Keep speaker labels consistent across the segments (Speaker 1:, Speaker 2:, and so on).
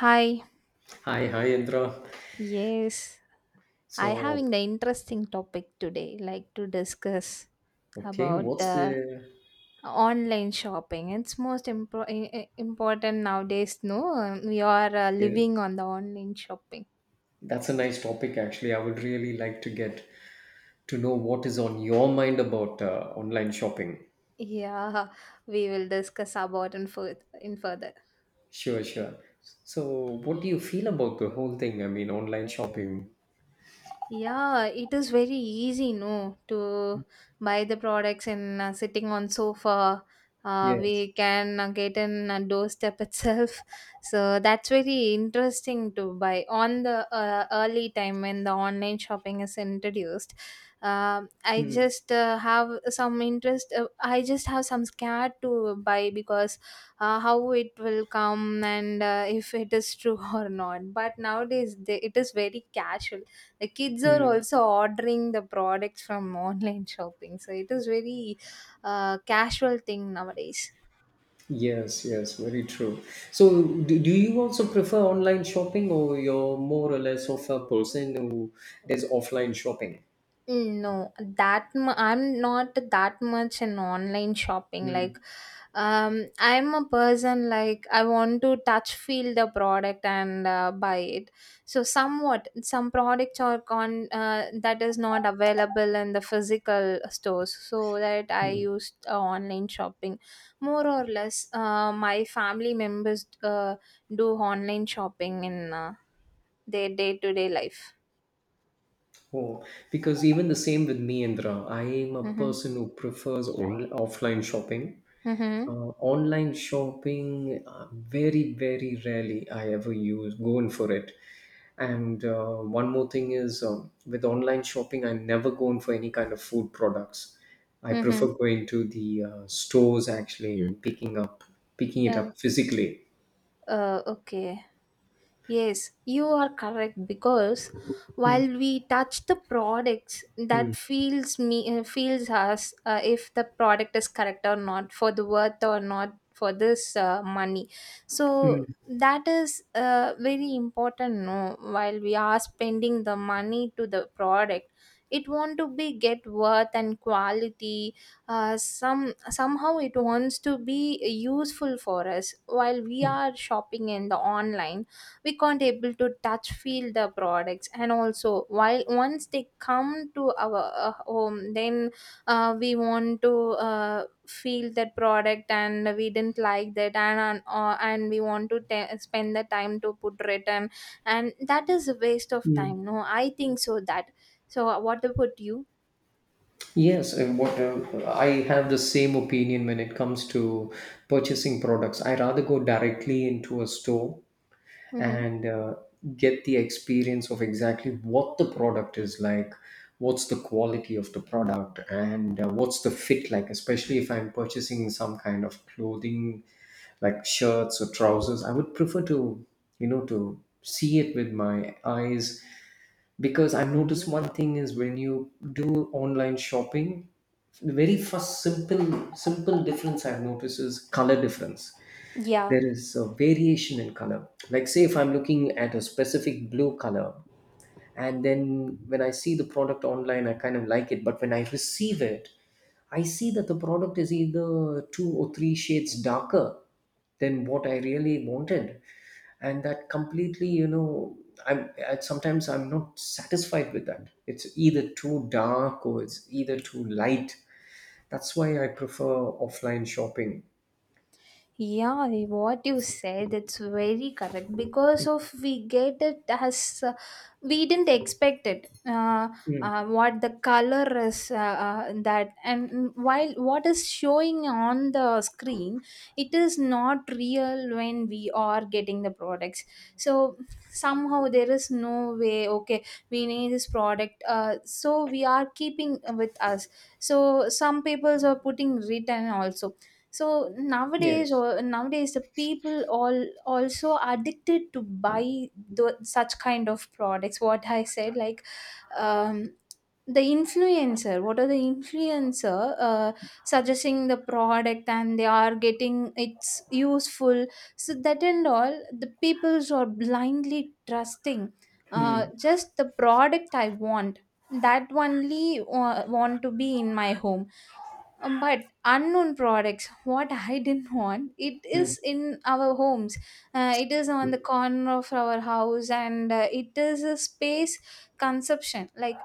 Speaker 1: Hi,
Speaker 2: Hi, hi, Indra.
Speaker 1: yes, I
Speaker 2: So,
Speaker 1: having the interesting topic today, like to discuss
Speaker 2: okay,
Speaker 1: about the online shopping. It's most important nowadays. No, We are living
Speaker 2: yes,
Speaker 1: on the online shopping.
Speaker 2: that's a nice topic actually. I would really like to get to know what is on your mind about online shopping.
Speaker 1: Yeah, we will discuss about in further.
Speaker 2: Sure, sure. So, what do you feel about the whole thing? I mean, online shopping.
Speaker 1: Yeah, it is very easy, no, to buy the products and sitting on sofa.
Speaker 2: Yes.
Speaker 1: We can get in a doorstep itself. So that's very interesting to buy on the early time when the online shopping is introduced. I
Speaker 2: Mm,
Speaker 1: just have some interest. I just have some scared to buy because how it will come and if it is true or not. But nowadays, it is very casual, the kids are
Speaker 2: mm.
Speaker 1: also ordering the products from online shopping, so it is very casual thing nowadays.
Speaker 2: Yes, yes, very true. So, do you also prefer online shopping or you're more or less of a person who does offline shopping?
Speaker 1: No, I'm not that much in online shopping. Like,
Speaker 2: Mm.
Speaker 1: I'm a person like I want to touch, feel the product and buy it. So somewhat, some products are con that is not available in the physical stores. So that I used online shopping, more or less. My family members do online shopping in their day to day life.
Speaker 2: Oh, because even the same with me, Indra. I am a
Speaker 1: Mm-hmm.
Speaker 2: person who prefers offline shopping.
Speaker 1: Mm-hmm.
Speaker 2: Online shopping, very, very rarely I ever use go in for it. And one more thing is with online shopping, I never go in for any kind of food products. I
Speaker 1: Mm-hmm.
Speaker 2: prefer going to the stores actually and picking it
Speaker 1: Uh,
Speaker 2: up physically.
Speaker 1: Okay. Yes, you are correct, because while
Speaker 2: Mm,
Speaker 1: we touch the products, that
Speaker 2: mm,
Speaker 1: feels us, if the product is correct or not, for the worth or not, for this money. So
Speaker 2: mm,
Speaker 1: that is very important. No, while we are spending the money to the product, it want to be get worth and quality. Somehow it wants to be useful for us. While we are shopping in the online, we can't able to touch feel the products, and also while once they come to our home, then we want to feel that product, and we didn't like that, and we want to spend the time to put return, and that is a waste of
Speaker 2: mm.
Speaker 1: time, no, I think. So that so what about you?
Speaker 2: Yes, what I have the same opinion when it comes to purchasing products. I rather go directly into a store
Speaker 1: Mm-hmm.
Speaker 2: and get the experience of exactly what the product is like, what's the quality of the product, and what's the fit like, especially if I'm purchasing some kind of clothing like shirts or trousers. I would prefer to see it with my eyes, because I've noticed one thing is when you do online shopping, the very first simple difference I've noticed is color difference.
Speaker 1: Yeah,
Speaker 2: There is a variation in color, like say if I'm looking at a specific blue color, and then when I see the product online I kind of like it, but when I receive it I see that the product is either two or three shades darker than what I really wanted. And that completely, sometimes I'm not satisfied with that. It's either too dark or it's either too light. That's why I prefer offline shopping.
Speaker 1: Yeah, what you said, it's very correct, because of we get it as we didn't expect it.
Speaker 2: Mm.
Speaker 1: What the color is, that, and while what is showing on the screen, it is not real when we are getting the products. So somehow there is no way. Okay, we need this product, so we are keeping with us. So some people are putting written also. So nowadays,
Speaker 2: Yes.
Speaker 1: the people all also addicted to buy such kind of products. What I said, like um, the influencer. What are the influencer suggesting the product, and they are getting it's useful. So that and all, the peoples are blindly trusting.
Speaker 2: Mm.
Speaker 1: Just the product I want. That only want to be in my home. But unknown products what I didn't want, it
Speaker 2: Mm.
Speaker 1: is in our homes, it is on the
Speaker 2: Mm.
Speaker 1: corner of our house, and it is a space consumption. Like,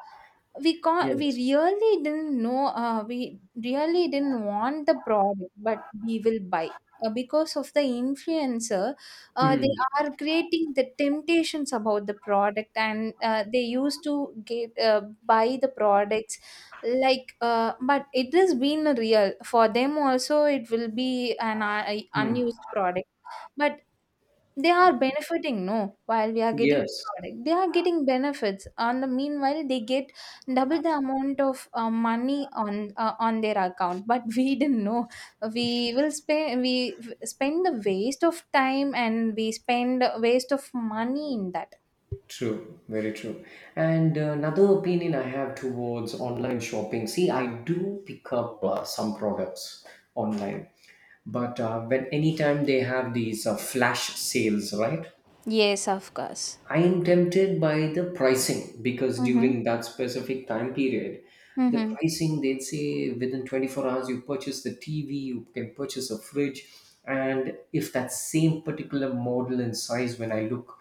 Speaker 1: we
Speaker 2: Yes.
Speaker 1: really didn't know, we really didn't want the product, but we will buy, because of the influencer, they
Speaker 2: Mm.
Speaker 1: are creating the temptations about the product, and they used to get buy the products like. But it has been a real, for them also it will be an
Speaker 2: Mm.
Speaker 1: unused product. But they are benefiting, no. While we are getting the
Speaker 2: Yes.
Speaker 1: product, they are getting benefits on the meanwhile. They get double the amount of money on, on their account, but we didn't know. We will spend, spend the waste of time, and we spend waste of money in that.
Speaker 2: True, very true. And another opinion I have towards online shopping. See, I do pick up some products online, but when anytime they have these flash sales, right?
Speaker 1: Yes, of course.
Speaker 2: I am tempted by the pricing, because
Speaker 1: Mm-hmm.
Speaker 2: during that specific time period, the
Speaker 1: Mm-hmm.
Speaker 2: pricing they'd say within 24 hours you purchase the TV, you can purchase a fridge, and if that same particular model and size, when I look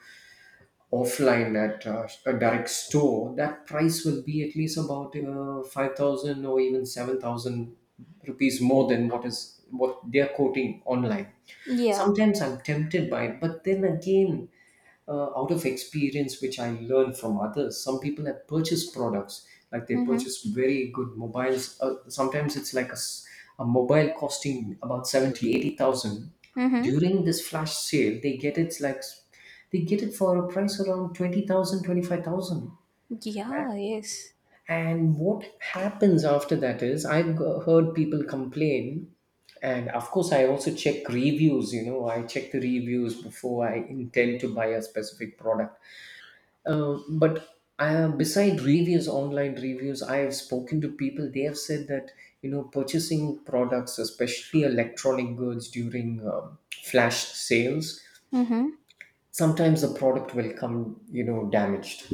Speaker 2: offline at a direct store, that price will be at least about 5,000 or even 7,000 rupees more than what is what they're quoting online.
Speaker 1: Yeah.
Speaker 2: Sometimes I'm tempted by it, but then again, out of experience which I learned from others, some people have purchased products like they
Speaker 1: Mm-hmm.
Speaker 2: purchase very good mobiles. Sometimes it's like a mobile costing about 70, 80,000.
Speaker 1: Mm-hmm.
Speaker 2: During this flash sale, they get it for a price around 20,000, 25,000.
Speaker 1: Yeah, yes.
Speaker 2: And what happens after that is I've heard people complain. And of course, I also check reviews. You know, I check the reviews before I intend to buy a specific product. But beside reviews, online reviews, I have spoken to people. They have said that purchasing products, especially electronic goods, during flash sales,
Speaker 1: Mm-hmm.
Speaker 2: sometimes the product will come damaged.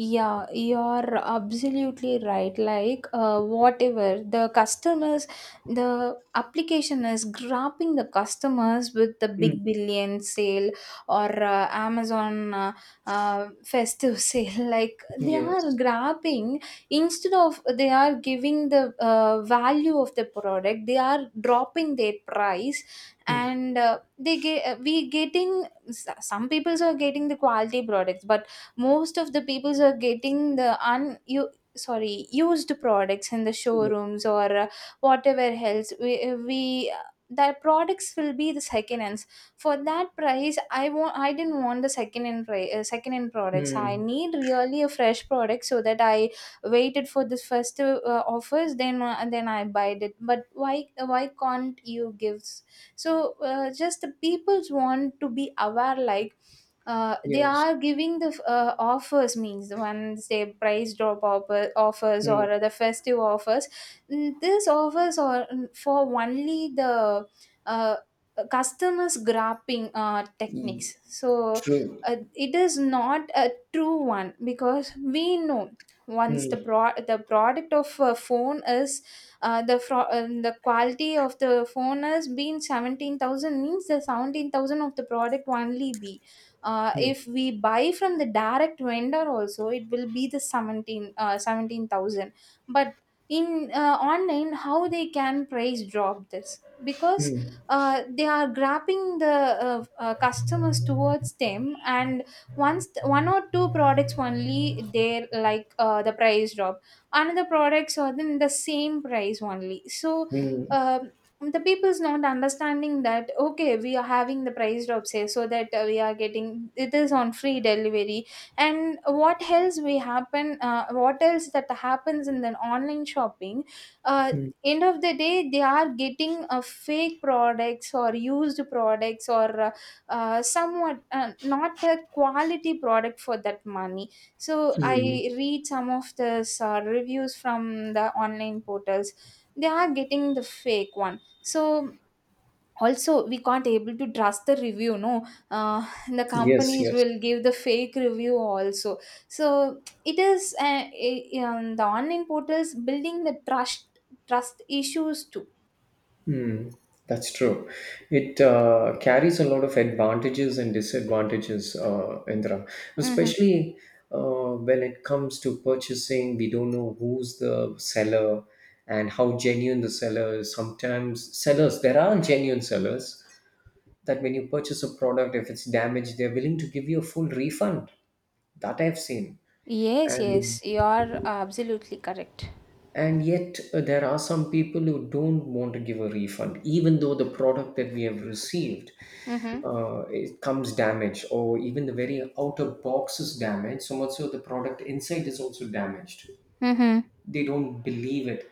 Speaker 1: Yeah, you're absolutely right. Like, whatever the customers, the application is grabbing the customers with the big billion sale, or Amazon, festive sale. Like, they are
Speaker 2: Yes.
Speaker 1: grabbing, instead of they are giving the value of the product, they are dropping their price.
Speaker 2: Mm.
Speaker 1: And they get, some people are getting the quality products, but most of the peoples are getting the un you sorry used products in the
Speaker 2: Ye-.
Speaker 1: showrooms, or whatever else we the products will be the second hands. For that price, I didn't want the second hand price, second hand products. I
Speaker 2: Mm.
Speaker 1: need really a fresh product, so that I waited for this first offers, then and then I buy it. But why can't you give? So, just the people's want to be aware, like they
Speaker 2: Yes.
Speaker 1: are giving the offers means, the ones they price drop offers,
Speaker 2: Mm.
Speaker 1: or the festive offers. These offers are, for only the uh, customers grabbing
Speaker 2: Mm.
Speaker 1: techniques. So
Speaker 2: True.
Speaker 1: it is not a true one, because we know, once
Speaker 2: Mm.
Speaker 1: the product of a phone is, the quality of the phone has been 17,000 means the 17,000 of the product only be. If
Speaker 2: Mm.
Speaker 1: we buy from the direct vendor also, it will be the 17 uh, 17,000. But in online, how they can price drop this? Because they are grabbing the, customers towards them. And once one or two products only they like the price drop, another products are then the same price only. So
Speaker 2: Mm.
Speaker 1: um, the people's not understanding that, okay, we are having the price drop sale, so that we are getting, it is on free delivery. And what else that happens in the online shopping? uh, End of the day they are getting fake products or used products, or somewhat not a quality product for that money. So I
Speaker 2: Mm.
Speaker 1: read some of the reviews from the online portals. They are getting the fake one. So also we can't able to trust the review, no. The
Speaker 2: Yes,
Speaker 1: companies
Speaker 2: yes.
Speaker 1: will give the fake review also. So it is the online portals building the trust issues too.
Speaker 2: Mm. That's true. It carries a lot of advantages and disadvantages, Indra,
Speaker 1: Mm-hmm.
Speaker 2: especially when it comes to purchasing. We don't know who's the seller and how genuine the seller is. Sometimes sellers, there are genuine sellers, that when you purchase a product, if it's damaged, they're willing to give you a full refund. That I've seen.
Speaker 1: Yes,
Speaker 2: And
Speaker 1: yes, you are absolutely correct.
Speaker 2: and yet there are some people who don't want to give a refund, even though the product that we have received
Speaker 1: Mm-hmm.
Speaker 2: it comes damaged, or even the very outer box is damaged. So much so the product inside is also damaged.
Speaker 1: Mm-hmm.
Speaker 2: They don't believe it,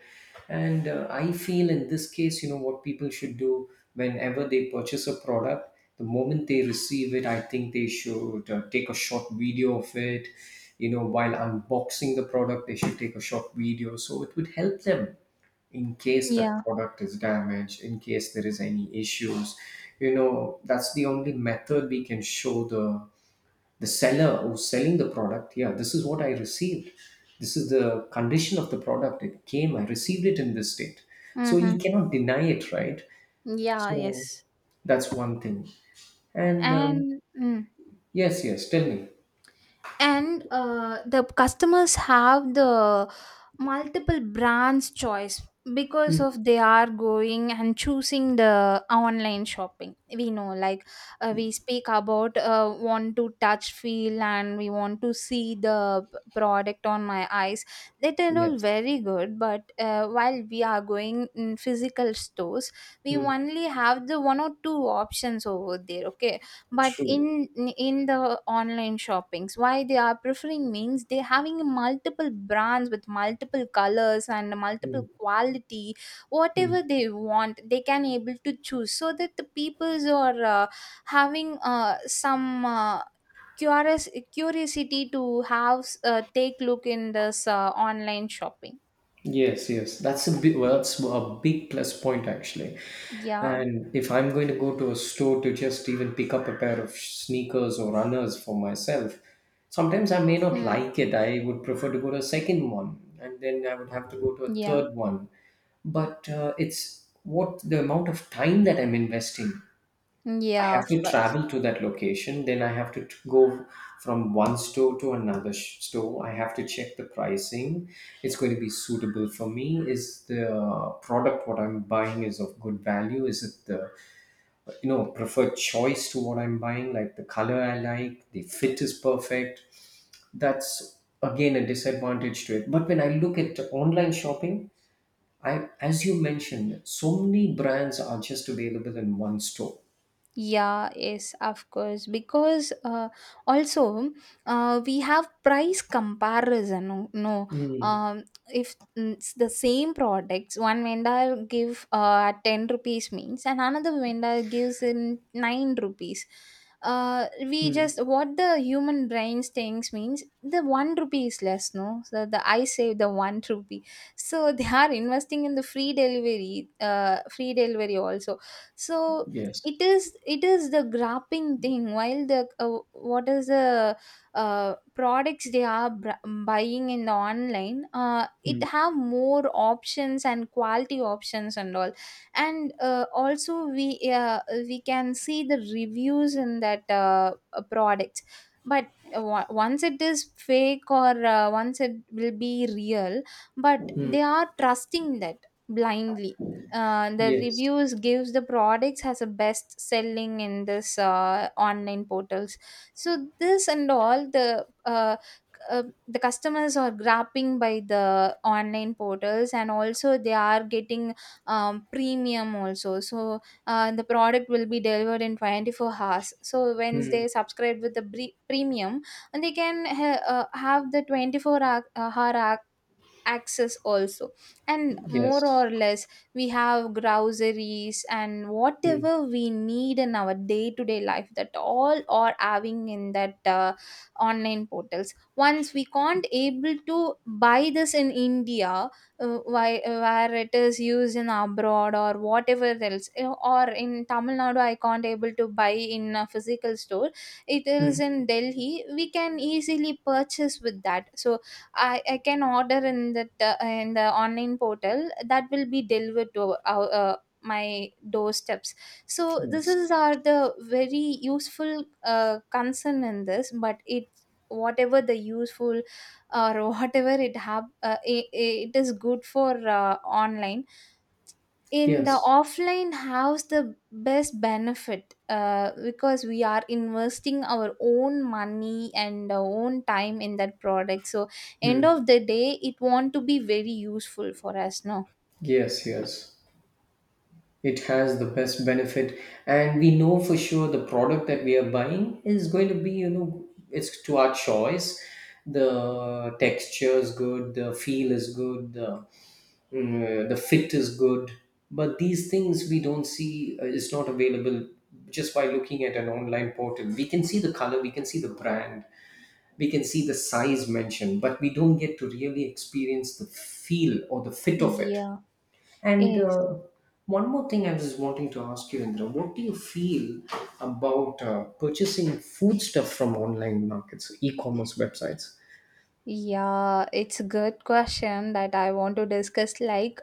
Speaker 2: and I feel in this case you know what people should do whenever they purchase a product. The moment they receive it, I think they should take a short video of it. While unboxing the product they should take a short video, so it would help them in case the
Speaker 1: Yeah.
Speaker 2: product is damaged, in case there is any issues. You know, that's the only method we can show the seller who's selling the product. Yeah, this is what I received, this is the condition of the product it came, I received it in this state, so
Speaker 1: Mm-hmm.
Speaker 2: he cannot deny it, right?
Speaker 1: Yeah,
Speaker 2: So
Speaker 1: yes.
Speaker 2: that's one thing, and
Speaker 1: And mm.
Speaker 2: yes, yes, tell me.
Speaker 1: And the customers have the multiple brands choice, because
Speaker 2: Mm,
Speaker 1: of they are going and choosing the online shopping. We know, like, we speak about want to touch feel and we want to see the product on my eyes. That are all
Speaker 2: yes.
Speaker 1: very good. But while we are going in physical stores, we
Speaker 2: Mm,
Speaker 1: only have the one or two options over there, okay. But
Speaker 2: true.
Speaker 1: in the online shoppings, why they are preferring means they having multiple brands with multiple colors and
Speaker 2: Mm,
Speaker 1: multiple quality. Whatever
Speaker 2: mm.
Speaker 1: they want, they can able to choose, so that the peoples are having some, curious curiosity to have take look in this online shopping.
Speaker 2: Yes, yes, that's a big plus point actually.
Speaker 1: Yeah.
Speaker 2: And if I'm going to go to a store to just even pick up a pair of sneakers or runners for myself, sometimes I may not
Speaker 1: Hmm.
Speaker 2: like it. I would prefer to go to a second one, and then I would have to go to a
Speaker 1: Yeah,
Speaker 2: third one. But it's what the amount of time that I'm investing. I
Speaker 1: yeah,
Speaker 2: have
Speaker 1: of
Speaker 2: to
Speaker 1: course.
Speaker 2: travel to that location, then I have to go from one store to another store. I have to check the pricing. It's going to be suitable for me. Is the product what I'm buying is of good value? Is it the preferred choice to what I'm buying? Like the color I like, the fit is perfect. That's again a disadvantage to it. But when I look at online shopping, I as you mentioned, so many brands are just available in one store.
Speaker 1: Yeah, yes, of course. Because also we have price comparison, no, no.
Speaker 2: Hmm.
Speaker 1: Um, if, it's the same products, one vendor give at 10 rupees means, and another vendor gives in 9 rupees. We
Speaker 2: Hmm.
Speaker 1: just what the human brain thinks means the 1 rupee is less. No, so the I save the one rupee. So they are investing in the free delivery also. So
Speaker 2: Yes.
Speaker 1: it is it is the grapping thing. While the, what is the products they are buying in the online, it
Speaker 2: Mm.
Speaker 1: have more options and quality options and all. And also we can see the reviews in that, products. But once it is fake, or once it will be real, but
Speaker 2: Mm.
Speaker 1: they are trusting that blindly. The
Speaker 2: Yes.
Speaker 1: reviews gives the products as a best selling in this online portals. So this and all, the customers are grabbing by the online portals, and also they are getting premium also. So the product will be delivered in 24 hours. So once
Speaker 2: Mm.
Speaker 1: they subscribe with the premium, and they can have the 24 hour access also. And more
Speaker 2: Yes.
Speaker 1: or less, we have groceries and
Speaker 2: Mm.
Speaker 1: whatever we need in our day to day life, that all are having in that online portals. Once we can't able to buy this in India, where it is used in abroad or whatever else, or in Tamil Nadu I can't able to buy in a physical store. It is
Speaker 2: Mm.
Speaker 1: in Delhi we can easily purchase with that. So I can order in the in the online portal that will be delivered to my doorsteps. So this
Speaker 2: Yes.
Speaker 1: is are the very useful concern in this, but it whatever the useful or whatever it have it is good for online in the
Speaker 2: Yes.
Speaker 1: offline house the best benefit, because we are investing our own money and our own time in that product, so end
Speaker 2: Mm.
Speaker 1: of the day it want to be very useful for us, no.
Speaker 2: Yes. Yes. It has the best benefit, and we know for sure the product that we are buying is going to be, it's to our choice. The texture is good. The feel is good. The fit is good, but these things we don't see, is not available. Just by looking at an online portal we can see the color, we can see the brand, we can see the size mentioned, but we don't get to really experience the feel or the fit of it.
Speaker 1: Yeah.
Speaker 2: And
Speaker 1: Yes.
Speaker 2: one more thing I was wanting to ask you, Indra, what do you feel about purchasing food stuff from online markets, so e-commerce websites?
Speaker 1: Yeah, it's a good question that I want to discuss. Like,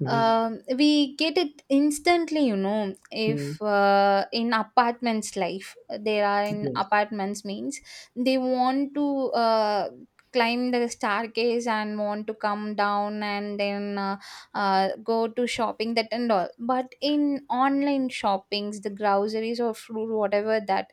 Speaker 2: Mm-hmm.
Speaker 1: we get it instantly,
Speaker 2: Mm.
Speaker 1: if in apartments life, there are in
Speaker 2: Yes.
Speaker 1: apartments means they want to climb the staircase and want to come down, and then go to shopping that and all. But in online shoppings, the groceries or fruit, whatever that,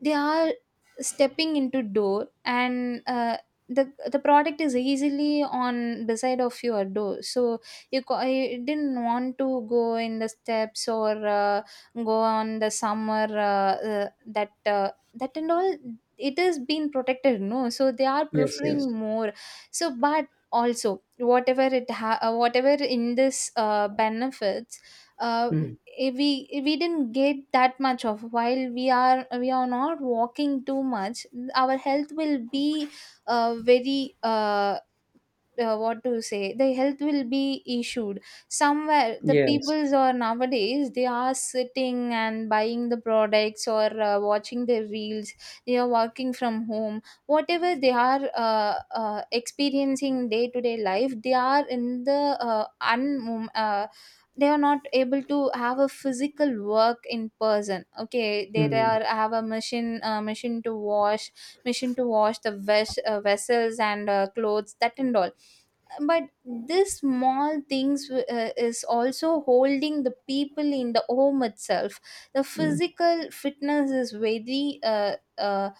Speaker 1: they are stepping into door, and the product is easily on beside of your door, so you, you didn't want to go in the steps or go on the summer that that and all, it is being protected, no, so they are
Speaker 2: Yes. Yes.
Speaker 1: preferring more. So but also whatever whatever in this benefits, uh,
Speaker 2: Mm.
Speaker 1: we didn't get that much of, while we are not walking too much, our health will be very what to say, the health will be issued somewhere. The
Speaker 2: Yes.
Speaker 1: peoples are nowadays, they are sitting and buying the products or watching their reels, they are working from home, whatever they are experiencing day to day life, they are in the uh, un um, uh, they are not able to have a physical work in person. Okay, they
Speaker 2: Mm.
Speaker 1: are have a machine machine to wash the vessels and clothes that and all, but this small things is also holding the people in the home itself. The physical fitness is very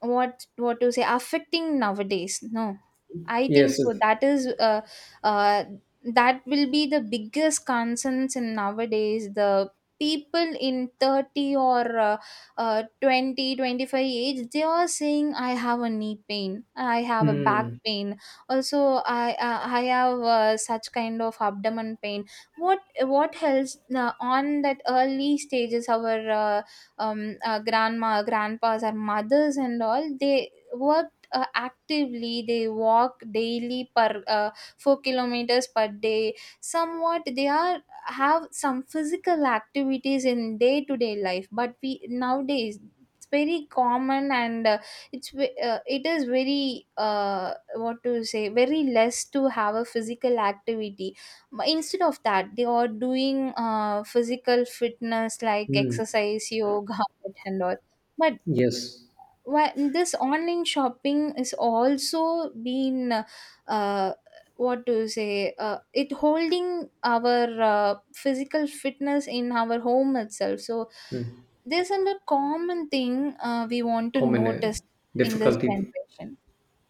Speaker 1: what to say, affecting nowadays, no. I think
Speaker 2: Yes.
Speaker 1: so,
Speaker 2: It-.
Speaker 1: that is uh, that will be the biggest concerns in nowadays. The people in 30 or 20 25 age, they are saying I have a knee pain, I have a back
Speaker 2: Mm.
Speaker 1: pain also. I have such kind of abdomen pain. what what helps on that early stages? Our grandma grandpas, our mothers and all, they worked actively, they walk daily per 4 kilometers per day. Somewhat they are have some physical activities in day to day life, but we nowadays it's very common, and it is very what to say, very less to have a physical activity. But instead of that, they are doing physical fitness like
Speaker 2: Mm.
Speaker 1: exercise, yoga and all. But
Speaker 2: Yes.
Speaker 1: why this online shopping is also been uh, what to say, it holding our physical fitness in our home itself. So
Speaker 2: Mm.
Speaker 1: there's a common thing we want to
Speaker 2: Common
Speaker 1: notice in this
Speaker 2: difficulty.
Speaker 1: generation.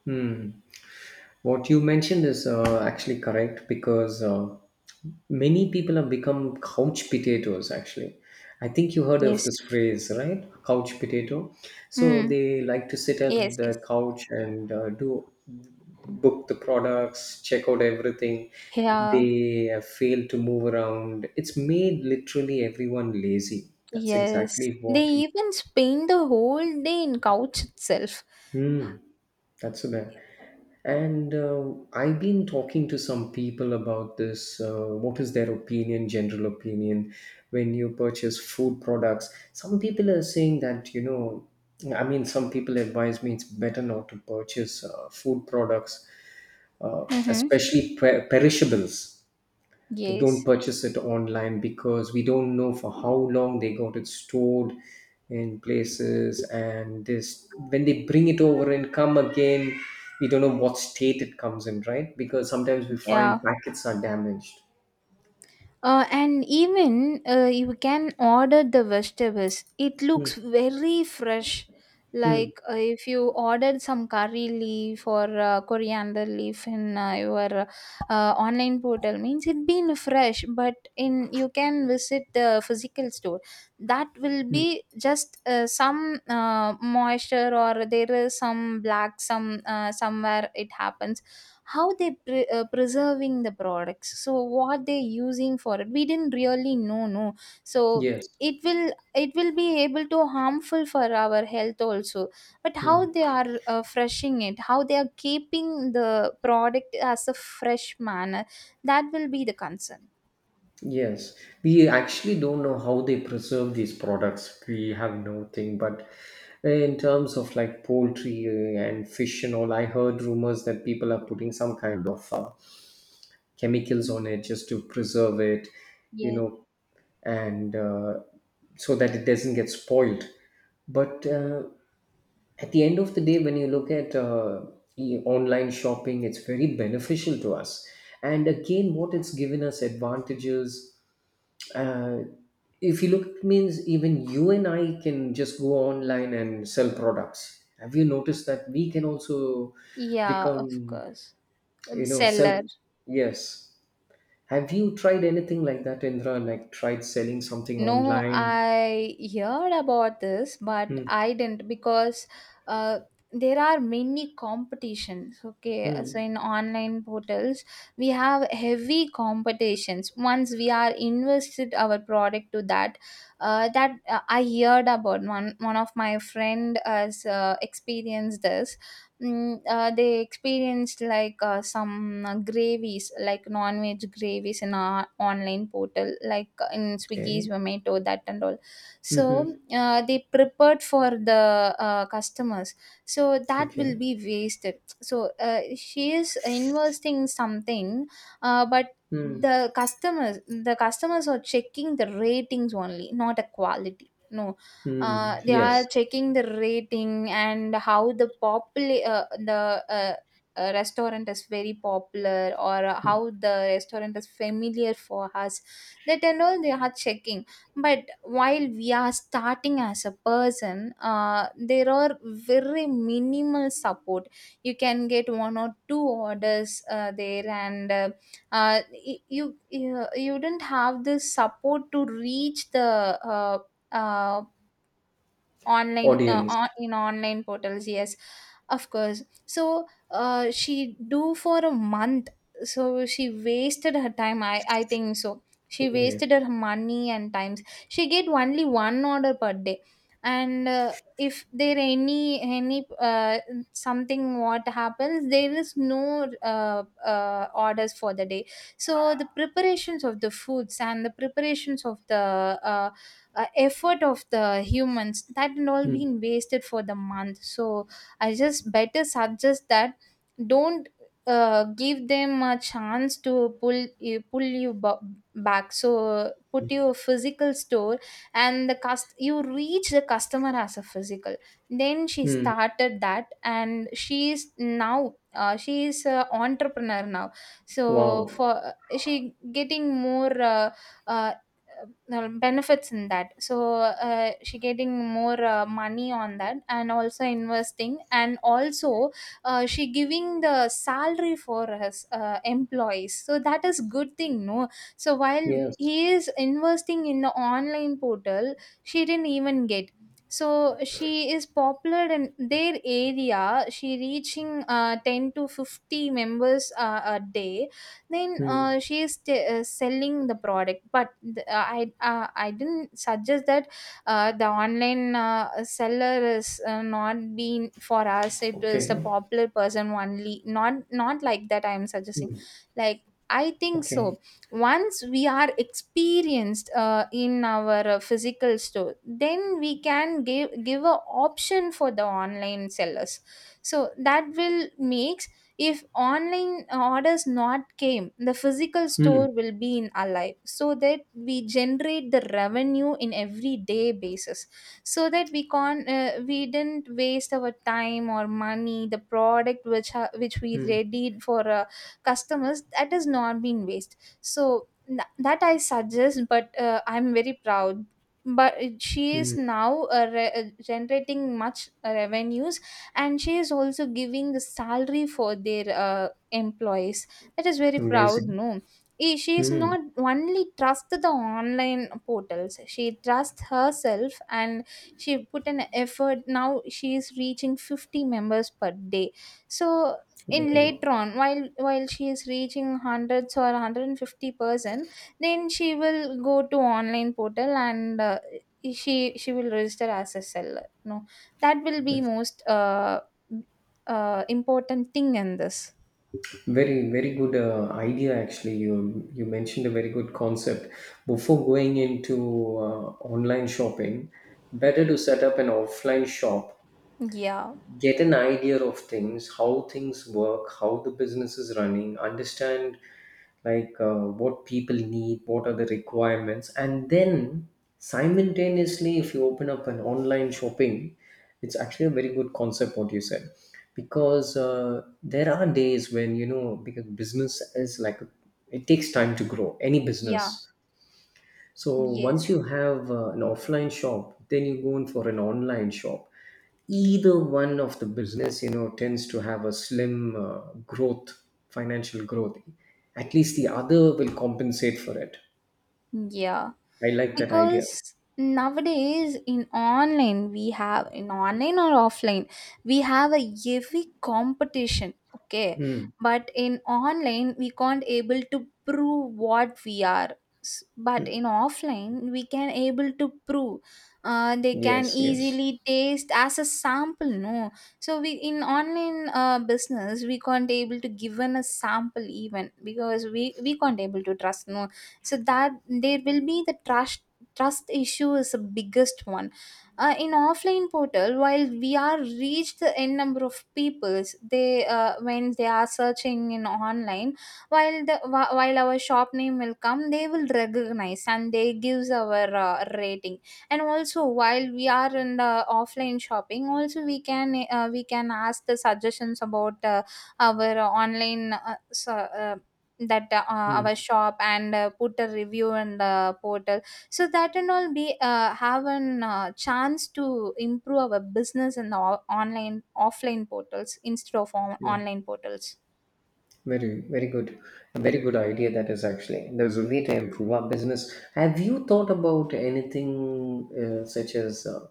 Speaker 2: Mm. What you mentioned is actually correct, because many people have become couch potatoes actually. I think you heard of
Speaker 1: Yes.
Speaker 2: this phrase, right? Couch potato. So
Speaker 1: Hmm.
Speaker 2: they like to sit
Speaker 1: Yes,
Speaker 2: at
Speaker 1: yes.
Speaker 2: the couch and do book the products, check out everything.
Speaker 1: Yeah.
Speaker 2: They fail to move around. It's made literally everyone lazy. That's
Speaker 1: Yes,
Speaker 2: exactly
Speaker 1: they
Speaker 2: what.
Speaker 1: even spend the whole day in couch itself.
Speaker 2: Hmm, that's so bad. And I've been talking to some people about this. What is their opinion, general opinion, when you purchase food products? Some people are saying that, I mean, some people advise me it's better not to purchase food products,
Speaker 1: Mm-hmm.
Speaker 2: especially perishables. Don't
Speaker 1: Yes,
Speaker 2: purchase it online because we don't know for how long they got it stored in places, and this, when they bring it over and come again we don't know what state it comes in, right? Because sometimes we
Speaker 1: yeah.
Speaker 2: find packets are damaged.
Speaker 1: And even you can order the vegetables, it
Speaker 2: Mm,
Speaker 1: looks very fresh.
Speaker 2: mm,
Speaker 1: Like if you ordered some curry leaf or coriander leaf in your online portal, means it been fresh. But in you can visit the physical store, that will
Speaker 2: mm.
Speaker 1: be just some moisture, or there is some black, some somewhere it happens. How they preserving the products, so what they using for it, we didn't really know, no. So
Speaker 2: Yes.
Speaker 1: it will, it will be able to harmful for our health also. But how
Speaker 2: Mm,
Speaker 1: they are freshing it, how they are keeping the product as a fresh manner, that will be the concern.
Speaker 2: yes. We actually don't know how they preserve these products. We have no thing. But in terms of like poultry and fish and all, I heard rumors that people are putting some kind of chemicals on it just to preserve it, you
Speaker 1: Yes.
Speaker 2: know, and so that it doesn't get spoiled. But at the end of the day, when you look at online shopping, it's very beneficial to us. And again, what it's given us advantages. Uh, if you look, it means even you and I can just go online and sell products. Have you noticed that we can also
Speaker 1: Yeah, of
Speaker 2: become,
Speaker 1: course.
Speaker 2: you know, self?
Speaker 1: Seller.
Speaker 2: Yes. Have you tried anything like that, Indra? Like tried selling something
Speaker 1: No,
Speaker 2: online?
Speaker 1: I heard about this, but
Speaker 2: Mm.
Speaker 1: I didn't, because uh, there are many competitions. Okay, so
Speaker 2: Mm.
Speaker 1: in online portals, we have heavy competitions. Once we are invested our product to that, I heard about one of my friend has experienced this. They experienced like some gravies, like non-veg gravies in our online portal, like in Swiggy's
Speaker 2: Okay.
Speaker 1: Zomato, that and all. So
Speaker 2: Mm-hmm.
Speaker 1: they prepared for the customers. So that will
Speaker 2: Okay.
Speaker 1: be wasted. So she is investing something, but
Speaker 2: Mm.
Speaker 1: the customers are checking the ratings only, not a quality. No,
Speaker 2: Mm.
Speaker 1: they are
Speaker 2: Yes.
Speaker 1: checking the rating and how the restaurant is very popular, or
Speaker 2: Mm.
Speaker 1: how the restaurant is familiar for us, that and all they are checking. But while we are starting as a person, there are very minimal support. You can get one or two orders there, and uh, you don't have the support to reach the uh, online
Speaker 2: Audience.
Speaker 1: in online portals. Yes, of course. So she do for a month, so she wasted her time, I think so. She wasted
Speaker 2: Okay.
Speaker 1: her money and times. She get only one order per day, and if there any something what happens, there is no orders for the day. So the preparations of the foods, and the preparations of the effort of the humans, that and all
Speaker 2: Mm.
Speaker 1: being wasted for the month. So I just better suggest that, don't give them a chance to pull you back. So put your physical store, and the you reach the customer as a physical. Then she
Speaker 2: Mm.
Speaker 1: started that, and she is now, she is an entrepreneur now. So
Speaker 2: Wow.
Speaker 1: for, she getting more uh, benefits in that. So she getting more money on that, and also investing, and also she giving the salary for his employees, so that is good thing, no. So while
Speaker 2: Yes.
Speaker 1: he is investing in the online portal, she didn't even get. So she is popular in their area, she reaching 10 to 50 members a day. Then
Speaker 2: Mm.
Speaker 1: selling the product. But the, I didn't suggest that the online seller is not being for us, it is the
Speaker 2: Okay.
Speaker 1: popular person only, not like that I am suggesting.
Speaker 2: Mm.
Speaker 1: Like, I think so,
Speaker 2: Okay.
Speaker 1: once we are experienced in our physical store, then we can give a option for the online sellers. So that will make, if online orders not came, the physical store
Speaker 2: Mm.
Speaker 1: will be in alive, so that we generate the revenue in everyday basis. So that we can, we didn't waste our time or money, the product which which we
Speaker 2: Mm.
Speaker 1: readied for customers, that has not been waste. So that I suggest. But I'm very proud. But she is
Speaker 2: Mm.
Speaker 1: now, generating much revenues, and she is also giving the salary for their employees. That is very proud,
Speaker 2: Amazing.
Speaker 1: no. She is
Speaker 2: Mm.
Speaker 1: not only trust the online portals, she trusts herself, and she put an effort. Now she is reaching 50 members per day, so in
Speaker 2: Wow.
Speaker 1: later on, while she is reaching hundreds or 150%, then she will go to online portal, and she will register as a seller, no. That will be most important thing in this.
Speaker 2: Very, very good idea. Actually, you mentioned a very good concept. Before going into online shopping, better to set up an offline shop,
Speaker 1: Yeah.
Speaker 2: get an idea of things, how things work, how the business is running, understand, like what people need, what are the requirements, and then simultaneously if you open up an online shopping, it's actually a very good concept what you said. Because there are days when, because business is like, it takes time to grow any
Speaker 1: Yeah,
Speaker 2: business, so once
Speaker 1: yes,
Speaker 2: you have an offline shop, then you go in for an online shop. Either one of the business, tends to have a slim growth, financial growth. At least the other will compensate for it.
Speaker 1: yeah.
Speaker 2: I like that idea.
Speaker 1: Because nowadays in online we have, in online or offline, we have a heavy competition, okay.
Speaker 2: Mm.
Speaker 1: But in online we can't able to prove what we are. But
Speaker 2: Mm.
Speaker 1: in offline we can able to prove, they can
Speaker 2: Yes, yes.
Speaker 1: easily taste as a sample, no. So we in online business, we can't able to given a sample even, because we can't able to trust, no. So that, there will be the trust trust issue is the biggest one. In offline portal, while we are reached the n number of peoples, they when they are searching in online, while the while our shop name will come, they will recognize and they gives our rating. And also while we are in the offline shopping also, we can ask the suggestions about our online so, that our
Speaker 2: Mm.
Speaker 1: shop, and put a review in the portal. So that and all be have an chance to improve our business in the online offline portals instead of
Speaker 2: Yeah.
Speaker 1: online portals.
Speaker 2: Very, very good. A very good idea that is actually. There's a way to improve our business. Have you thought about anything such as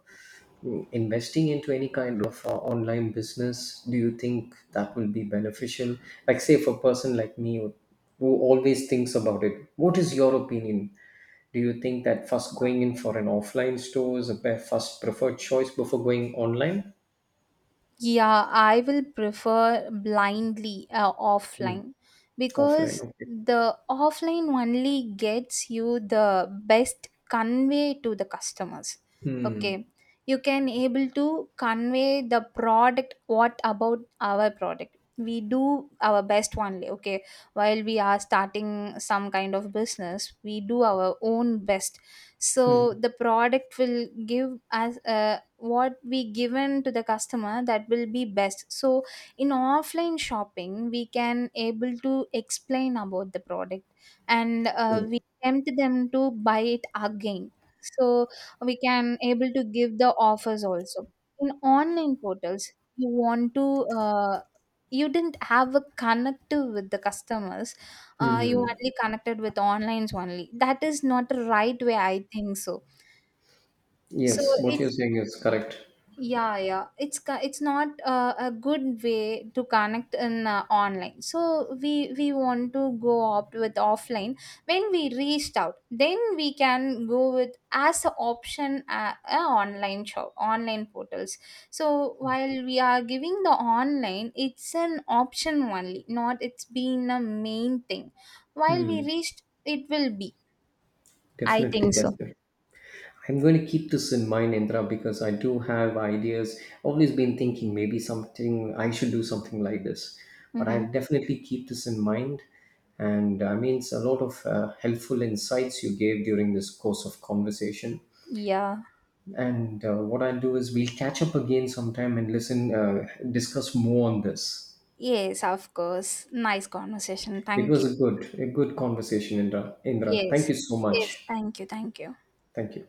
Speaker 2: investing into any kind of online business? Do you think that will be beneficial? Like, say, for a person like me who always thinks about it, what is your opinion? Do you think that first going in for an offline store is a first preferred choice before going online?
Speaker 1: Yeah, I will prefer blindly
Speaker 2: Hmm.
Speaker 1: offline,
Speaker 2: Offline,
Speaker 1: because
Speaker 2: okay.
Speaker 1: the offline only gets you the best convey to the customers. Okay,
Speaker 2: Hmm.
Speaker 1: you can able to convey the product. What about our product? We do our best only. Okay, while we are starting some kind of business, we do our own best. So the product will give us a, what we given to the customer, that will be best. So in offline shopping, we can able to explain about the product, and
Speaker 2: Hmm.
Speaker 1: we tempt them to buy it again, so we can able to give the offers also. In online portals, you want to, you didn't have a connective with the customers. You only connected with onlines only, that is not the right way, I think so. So
Speaker 2: Yes, what you're
Speaker 1: it's,
Speaker 2: saying is correct.
Speaker 1: yeah, yeah, it's, it's not a good way to connect in online. So we want to go opt with offline. When we reached out, then we can go with as an option, a online shop, online portals. So while we are giving the online, it's an option only, not it's been a main thing. While we reached, it will be, I
Speaker 2: Definitely,
Speaker 1: think so.
Speaker 2: definitely. I'm going to keep this in mind, Indra, because I do have ideas. Always been thinking maybe something I should do something like this, but
Speaker 1: Mm-hmm.
Speaker 2: I'll definitely keep this in mind. And I mean, it's a lot of helpful insights you gave during this course of conversation.
Speaker 1: Yeah.
Speaker 2: And what I'll do is we'll catch up again sometime and listen, discuss more on this.
Speaker 1: Yes, of course. Nice conversation,
Speaker 2: It
Speaker 1: thank
Speaker 2: was
Speaker 1: you.
Speaker 2: a good conversation, Indra. Indra, thank
Speaker 1: Yes.
Speaker 2: you so
Speaker 1: Yes.
Speaker 2: much.
Speaker 1: Thank you. Thank you.
Speaker 2: Thank you.